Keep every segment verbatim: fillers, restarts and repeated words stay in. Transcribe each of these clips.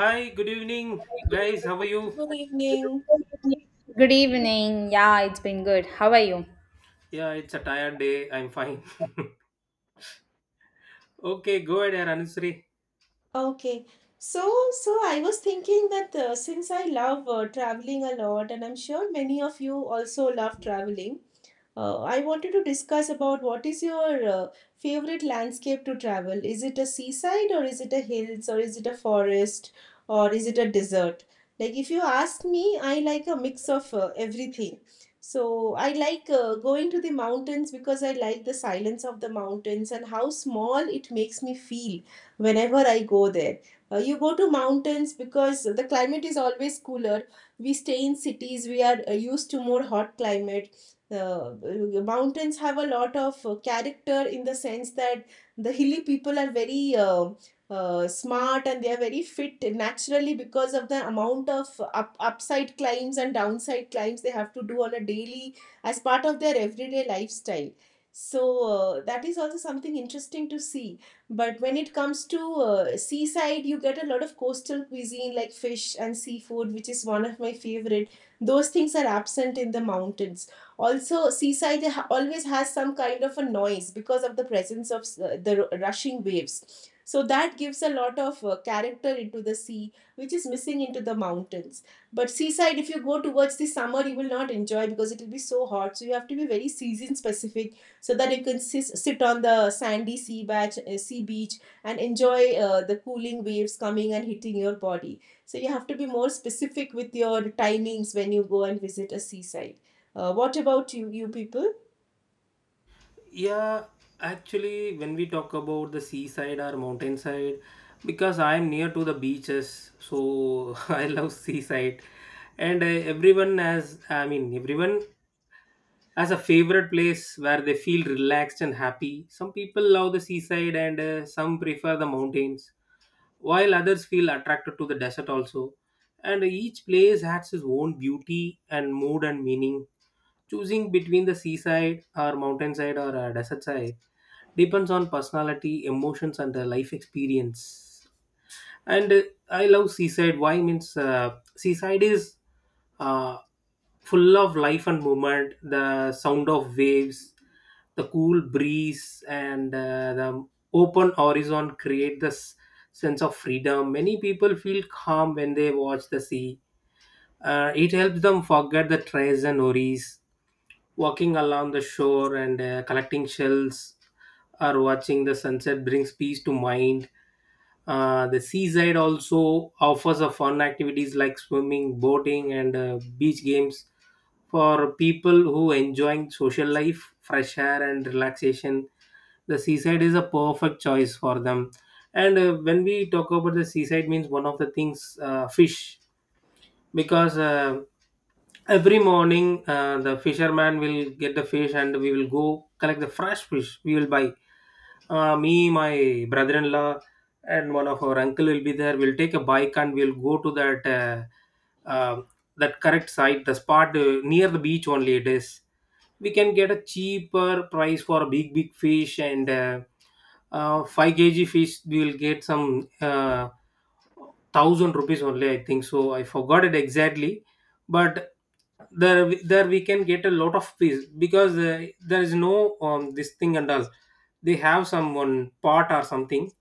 Hi, good evening, guys. How are you? Good evening. Good evening. Yeah, it's been good. How are you? Yeah, it's a tired day. I'm fine. Okay, go ahead, Anusri. Okay. So, so I was thinking that uh, since I love uh, traveling a lot, and I'm sure many of you also love traveling. Uh, I wanted to discuss about what is your uh, favorite landscape to travel. Is it a seaside or is it a hills or is it a forest or is it a desert? Like if you ask me, I like a mix of uh, everything. So I like uh, going to the mountains because I like the silence of the mountains and how small it makes me feel whenever I go there. Uh, you go to mountains because the climate is always cooler. We stay in cities, we are uh, used to more hot climate. The uh, mountains have a lot of uh, character in the sense that the hilly people are very uh, uh, smart, and they are very fit naturally because of the amount of up, upside climbs and downside climbs they have to do on a daily as part of their everyday lifestyle. So uh, that is also something interesting to see. But when it comes to uh, seaside, you get a lot of coastal cuisine like fish and seafood, which is one of my favorite. Those things are absent in the mountains. Also, seaside always has some kind of a noise because of the presence of uh, the rushing waves. So that gives a lot of uh, character into the sea, which is missing into the mountains. But seaside, if you go towards the summer, you will not enjoy because it will be so hot. So you have to be very season specific so that you can sis- sit on the sandy sea beach, uh, sea beach, and enjoy uh, the cooling waves coming and hitting your body. So you have to be more specific with your timings when you go and visit a seaside. Uh, what about you, you people? Yeah, actually, when we talk about the seaside or mountainside, because I'm near to the beaches, so I love seaside, and uh, everyone has, I mean, everyone has a favorite place where they feel relaxed and happy. Some people love the seaside, and uh, some prefer the mountains while others feel attracted to the desert also. And each place has its own beauty and mood and meaning. Choosing between the seaside or mountainside or a desert side depends on personality, emotions, and the life experience. And uh, I love seaside. Why means uh, seaside is uh, full of life and movement, the sound of waves, the cool breeze, and uh, the open horizon create this sense of freedom. Many people feel calm when they watch the sea. Uh, it helps them forget the stress and worries. Walking along the shore and uh, collecting shells or watching the sunset brings peace to mind. Uh, the seaside also offers a fun activities like swimming, boating, and uh, beach games for people who enjoying social life, fresh air, and relaxation. The seaside is a perfect choice for them. And uh, when we talk about the seaside, means one of the things uh, fish, because uh, every morning uh, the fisherman will get the fish and we will go collect the fresh fish we will buy. Uh, me, my brother-in-law, and one of our uncle will be there. We'll take a bike and we'll go to that uh, uh, that correct site, the spot uh, near the beach only it is. We can get a cheaper price for big big fish and uh, uh, five k g fish we will get some uh, thousand rupees only. I think so, I forgot it exactly. But there there we can get a lot of fish because uh, there is no um, this thing and all. They have some one pot or something.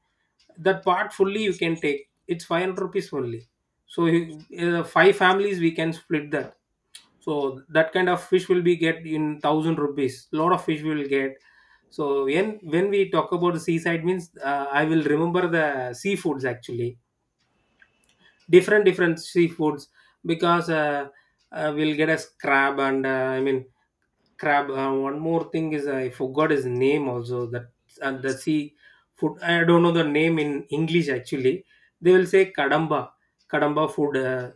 That part fully you can take. It's five hundred rupees only, so you- uh, five families we can split that, so that kind of fish will be get in thousand rupees. Lot of fish we will get. So when when we talk about the seaside means uh, I will remember the seafoods actually. Different different seafoods. Because uh, uh, we'll get a crab and uh, I mean crab. Uh, one more thing is I forgot his name also. That and the sea food. I don't know the name in English actually. They will say kadamba. Kadamba food. uh,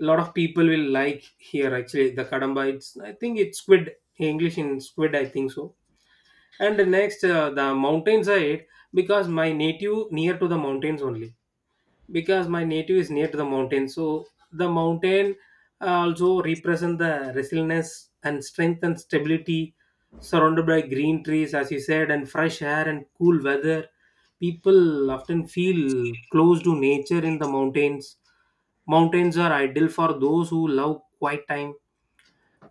A lot of people will like here actually the kadamba. It's, I think it's squid. English in squid, I think so. And the next uh, the mountain side, because my native near to the mountains only. Because my native is near to the mountain, so the mountain uh, also represent the resilience and strength and stability, surrounded by green trees, as you said, and fresh air and cool weather. People often feel close to nature in the mountains. Mountains are ideal for those who love quiet time,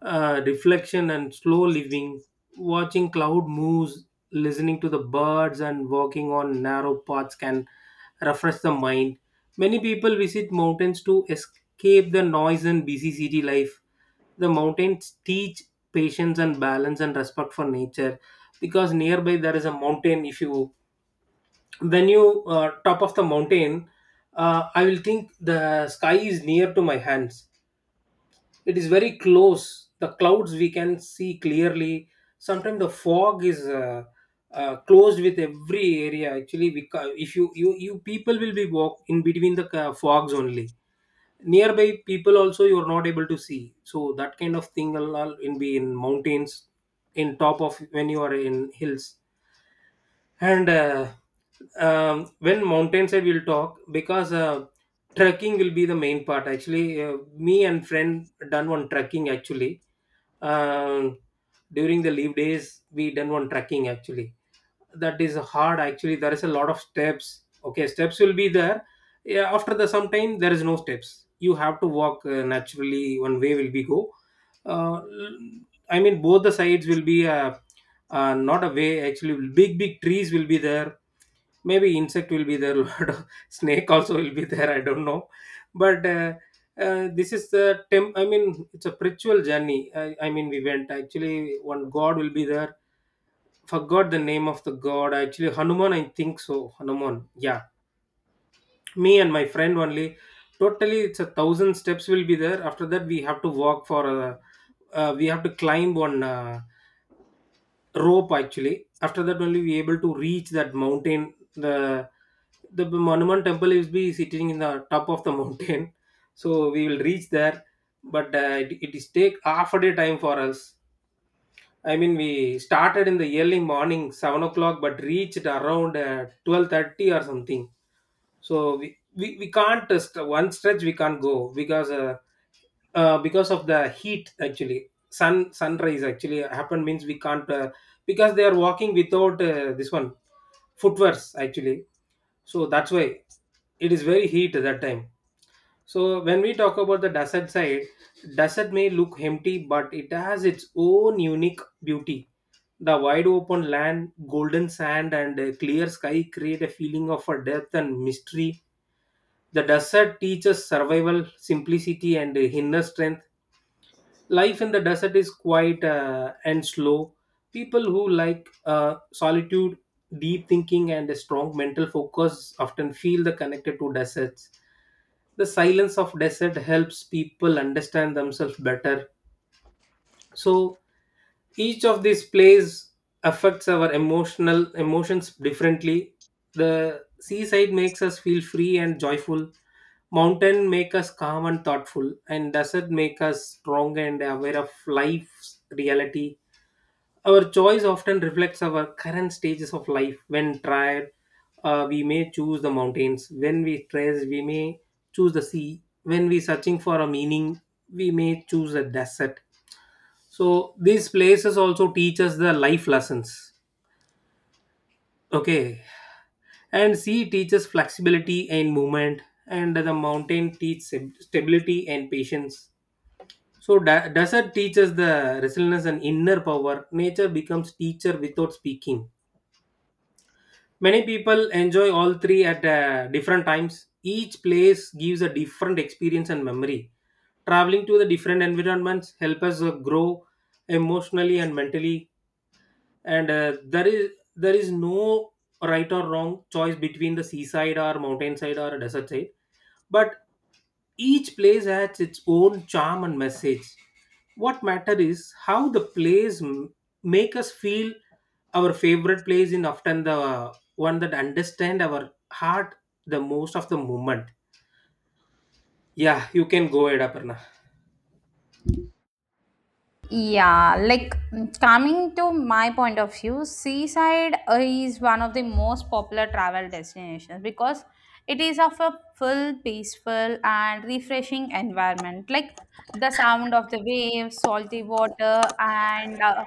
uh, reflection, and slow living. Watching cloud moves, listening to the birds, and walking on narrow paths can refresh the mind. Many people visit mountains to escape the noise and busy city life. The mountains teach patience and balance and respect for nature. Because nearby there is a mountain. If you, when you uh, top of the mountain, uh, I will think the sky is near to my hands. It is very close. The clouds we can see clearly. Sometimes the fog is uh, uh, closed with every area actually. We, ca- if you, you you people will be walk in between the ca- fogs only. Nearby people also you are not able to see, so that kind of thing will all in be in mountains. In top of when you are in hills. And uh, um, when mountainside we'll talk, because uh, trekking will be the main part actually. Uh, me and friend done one trekking actually. um, During the leave days we done one trekking actually. That is hard actually. There is a lot of steps, okay, steps will be there. Yeah, after the some time there is no steps, you have to walk uh, naturally. One way will be go. uh, I mean, both the sides will be uh, uh, not a way. Actually, big big trees will be there. Maybe insect will be there. Lot of snake also will be there. I don't know, but uh, uh, this is the temp. I mean, it's a spiritual journey. I, I mean, we went actually. One god will be there. Forgot the name of the god. Actually, Hanuman, I think so. Hanuman. Yeah, me and my friend only. Totally, it's a thousand steps will be there. After that, we have to walk for a. Uh, we have to climb one. Uh, rope actually, after that only we able to reach that mountain. The the monument temple is be sitting in the top of the mountain. So we will reach there. But uh, it, it is take half a day time for us. I mean, we started in the early morning seven o'clock but reached around uh, twelve thirty or something. So we, we, we can't uh, st- one stretch we can't go because uh, uh, because of the heat actually. Sun sunrise actually happened means we can't uh, because they are walking without uh, this one footwears actually. So that's why it is very heat at that time. So when we talk about the desert side, desert may look empty but it has its own unique beauty. The wide open land, golden sand, and a clear sky create a feeling of a depth and mystery. The desert teaches survival, simplicity, and inner strength. Life in the desert is quiet uh, and slow. People who like uh, solitude, deep thinking, and a strong mental focus often feel the connected to deserts. The silence of desert helps people understand themselves better. So each of these plays affects our emotional emotions differently. The seaside makes us feel free and joyful. Mountain make us calm and thoughtful, and desert make us strong and aware of life's reality. Our choice often reflects our current stages of life. When tired, uh, we may choose the mountains. When we stress we may choose the sea. When we searching for a meaning, we may choose a desert. So these places also teach us the life lessons. Okay. And sea teaches flexibility and movement, and the mountain teaches stab- stability and patience. So da- desert teaches the resilience and inner power. Nature becomes teacher without speaking. Many people enjoy all three at uh, different times. Each place gives a different experience and memory. Traveling to the different environments help us uh, grow emotionally and mentally. And uh, there is, there is no right or wrong choice between the seaside or mountainside or desert side. But each place has its own charm and message. What matter is how the place m- make us feel. Our favorite place in often the one that understand our heart the most of the moment. Yeah, you can go ahead, Aparna. Yeah, like mm, coming to my point of view, seaside uh, is one of the most popular travel destinations because it is of a full, peaceful, and refreshing environment. Like the sound of the waves, salty water, and uh,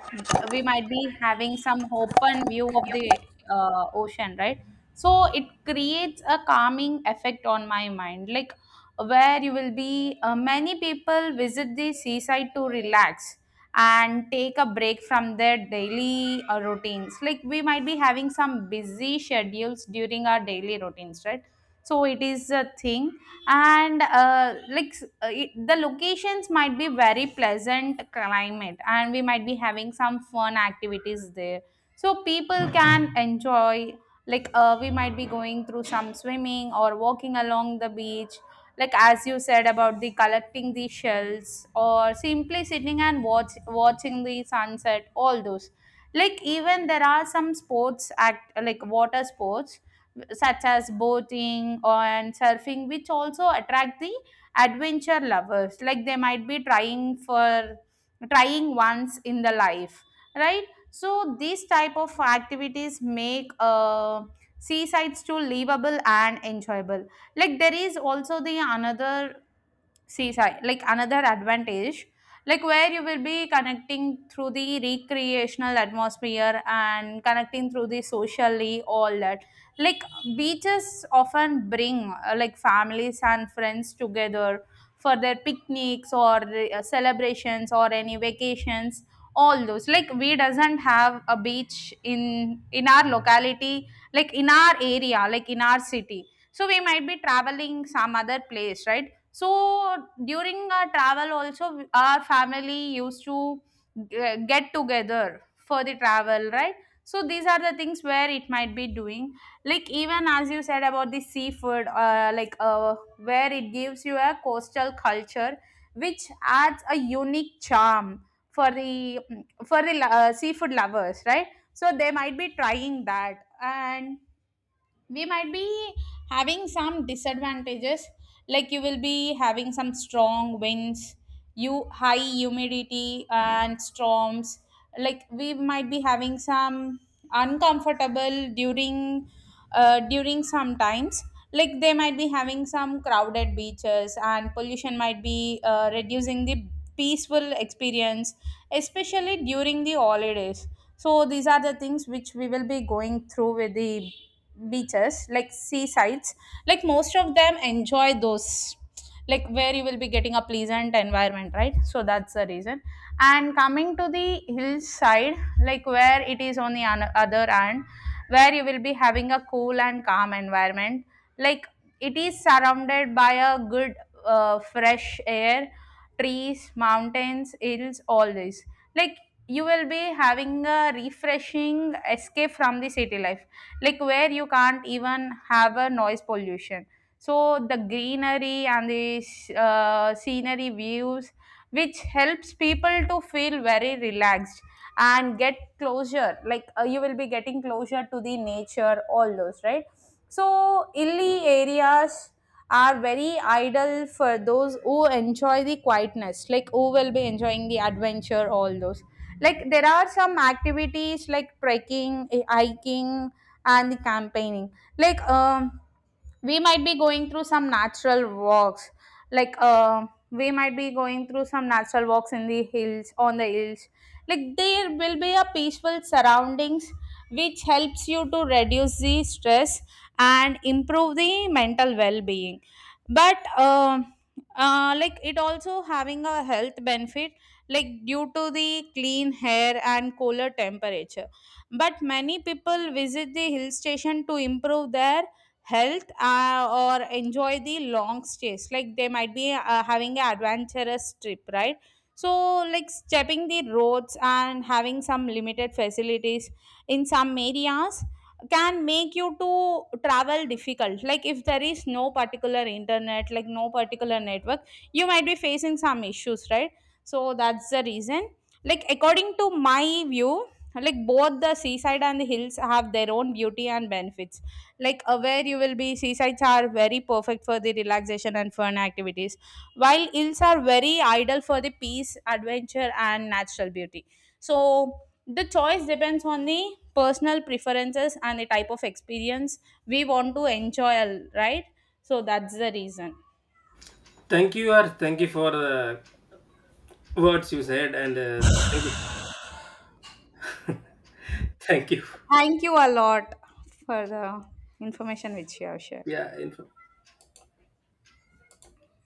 we might be having some open view of the uh, ocean, right? So it creates a calming effect on my mind. Like where you will be, uh, many people visit the seaside to relax and take a break from their daily uh, routines, like we might be having some busy schedules during our daily routines, right? So it is a thing. And uh, like s- uh, it, the locations might be very pleasant climate and we might be having some fun activities there, so people can enjoy. Like uh, we might be going through some swimming or walking along the beach, like as you said about the collecting the shells or simply sitting and watch watching the sunset, all those. Like even there are some sports, act like water sports such as boating and surfing, which also attract the adventure lovers, like they might be trying for trying once in the life, right? So these type of activities make uh, seasides too livable and enjoyable. Like there is also the another seaside, like another advantage, like where you will be connecting through the recreational atmosphere and connecting through the socially all that. Like beaches often bring uh, like families and friends together for their picnics or uh, celebrations or any vacations, all those. Like we doesn't have a beach in in our locality, like in our area, like in our city, so we might be traveling some other place, right? So during our travel also our family used to ge- get together for the travel, right? So these are the things where it might be doing. Like even as you said about the seafood, uh, like uh, where it gives you a coastal culture, which adds a unique charm for the for the uh, seafood lovers, right? So they might be trying that. And we might be having some disadvantages, like you will be having some strong winds, you high humidity and storms. Like we might be having some uncomfortable during uh, during some times, like they might be having some crowded beaches and pollution might be uh, reducing the peaceful experience, especially during the holidays. So these are the things which we will be going through with the beaches, like seasides. Like most of them enjoy those, like where you will be getting a pleasant environment, right? So that's the reason. And coming to the hillside, like where it is on the an- other hand, where you will be having a cool and calm environment. Like it is surrounded by a good uh, fresh air, trees, mountains, hills, all this. Like you will be having a refreshing escape from the city life, like where you can't even have a noise pollution. So the greenery and the uh, scenery views, which helps people to feel very relaxed and get closure, like uh, you will be getting closure to the nature, all those, right? So hilly areas are very ideal for those who enjoy the quietness, like who will be enjoying the adventure, all those. Like there are some activities like trekking, eh, hiking, and the campaigning. Like um we might be going through some natural walks, like uh, we might be going through some natural walks in the hills, on the hills. Like there will be a peaceful surroundings, which helps you to reduce the stress and improve the mental well-being. But uh, uh, like it also having a health benefit, like due to the clean air and cooler temperature. But many people visit the hill station to improve their health uh, or enjoy the long stays, like they might be uh, having an adventurous trip, right? So like stepping the roads and having some limited facilities in some areas can make you to travel difficult, like if there is no particular internet, like no particular network, you might be facing some issues, right? So that's the reason. Like according to my view, like both the seaside and the hills have their own beauty and benefits. Like uh, where you will be, seasides are very perfect for the relaxation and fun activities, while hills are very ideal for the peace, adventure, and natural beauty. So the choice depends on the personal preferences and the type of experience we want to enjoy, right? So that's the reason. Thank you, or thank you for the words you said, and uh, thank you. Thank you. Thank you a lot for the information which you have shared. Yeah, info.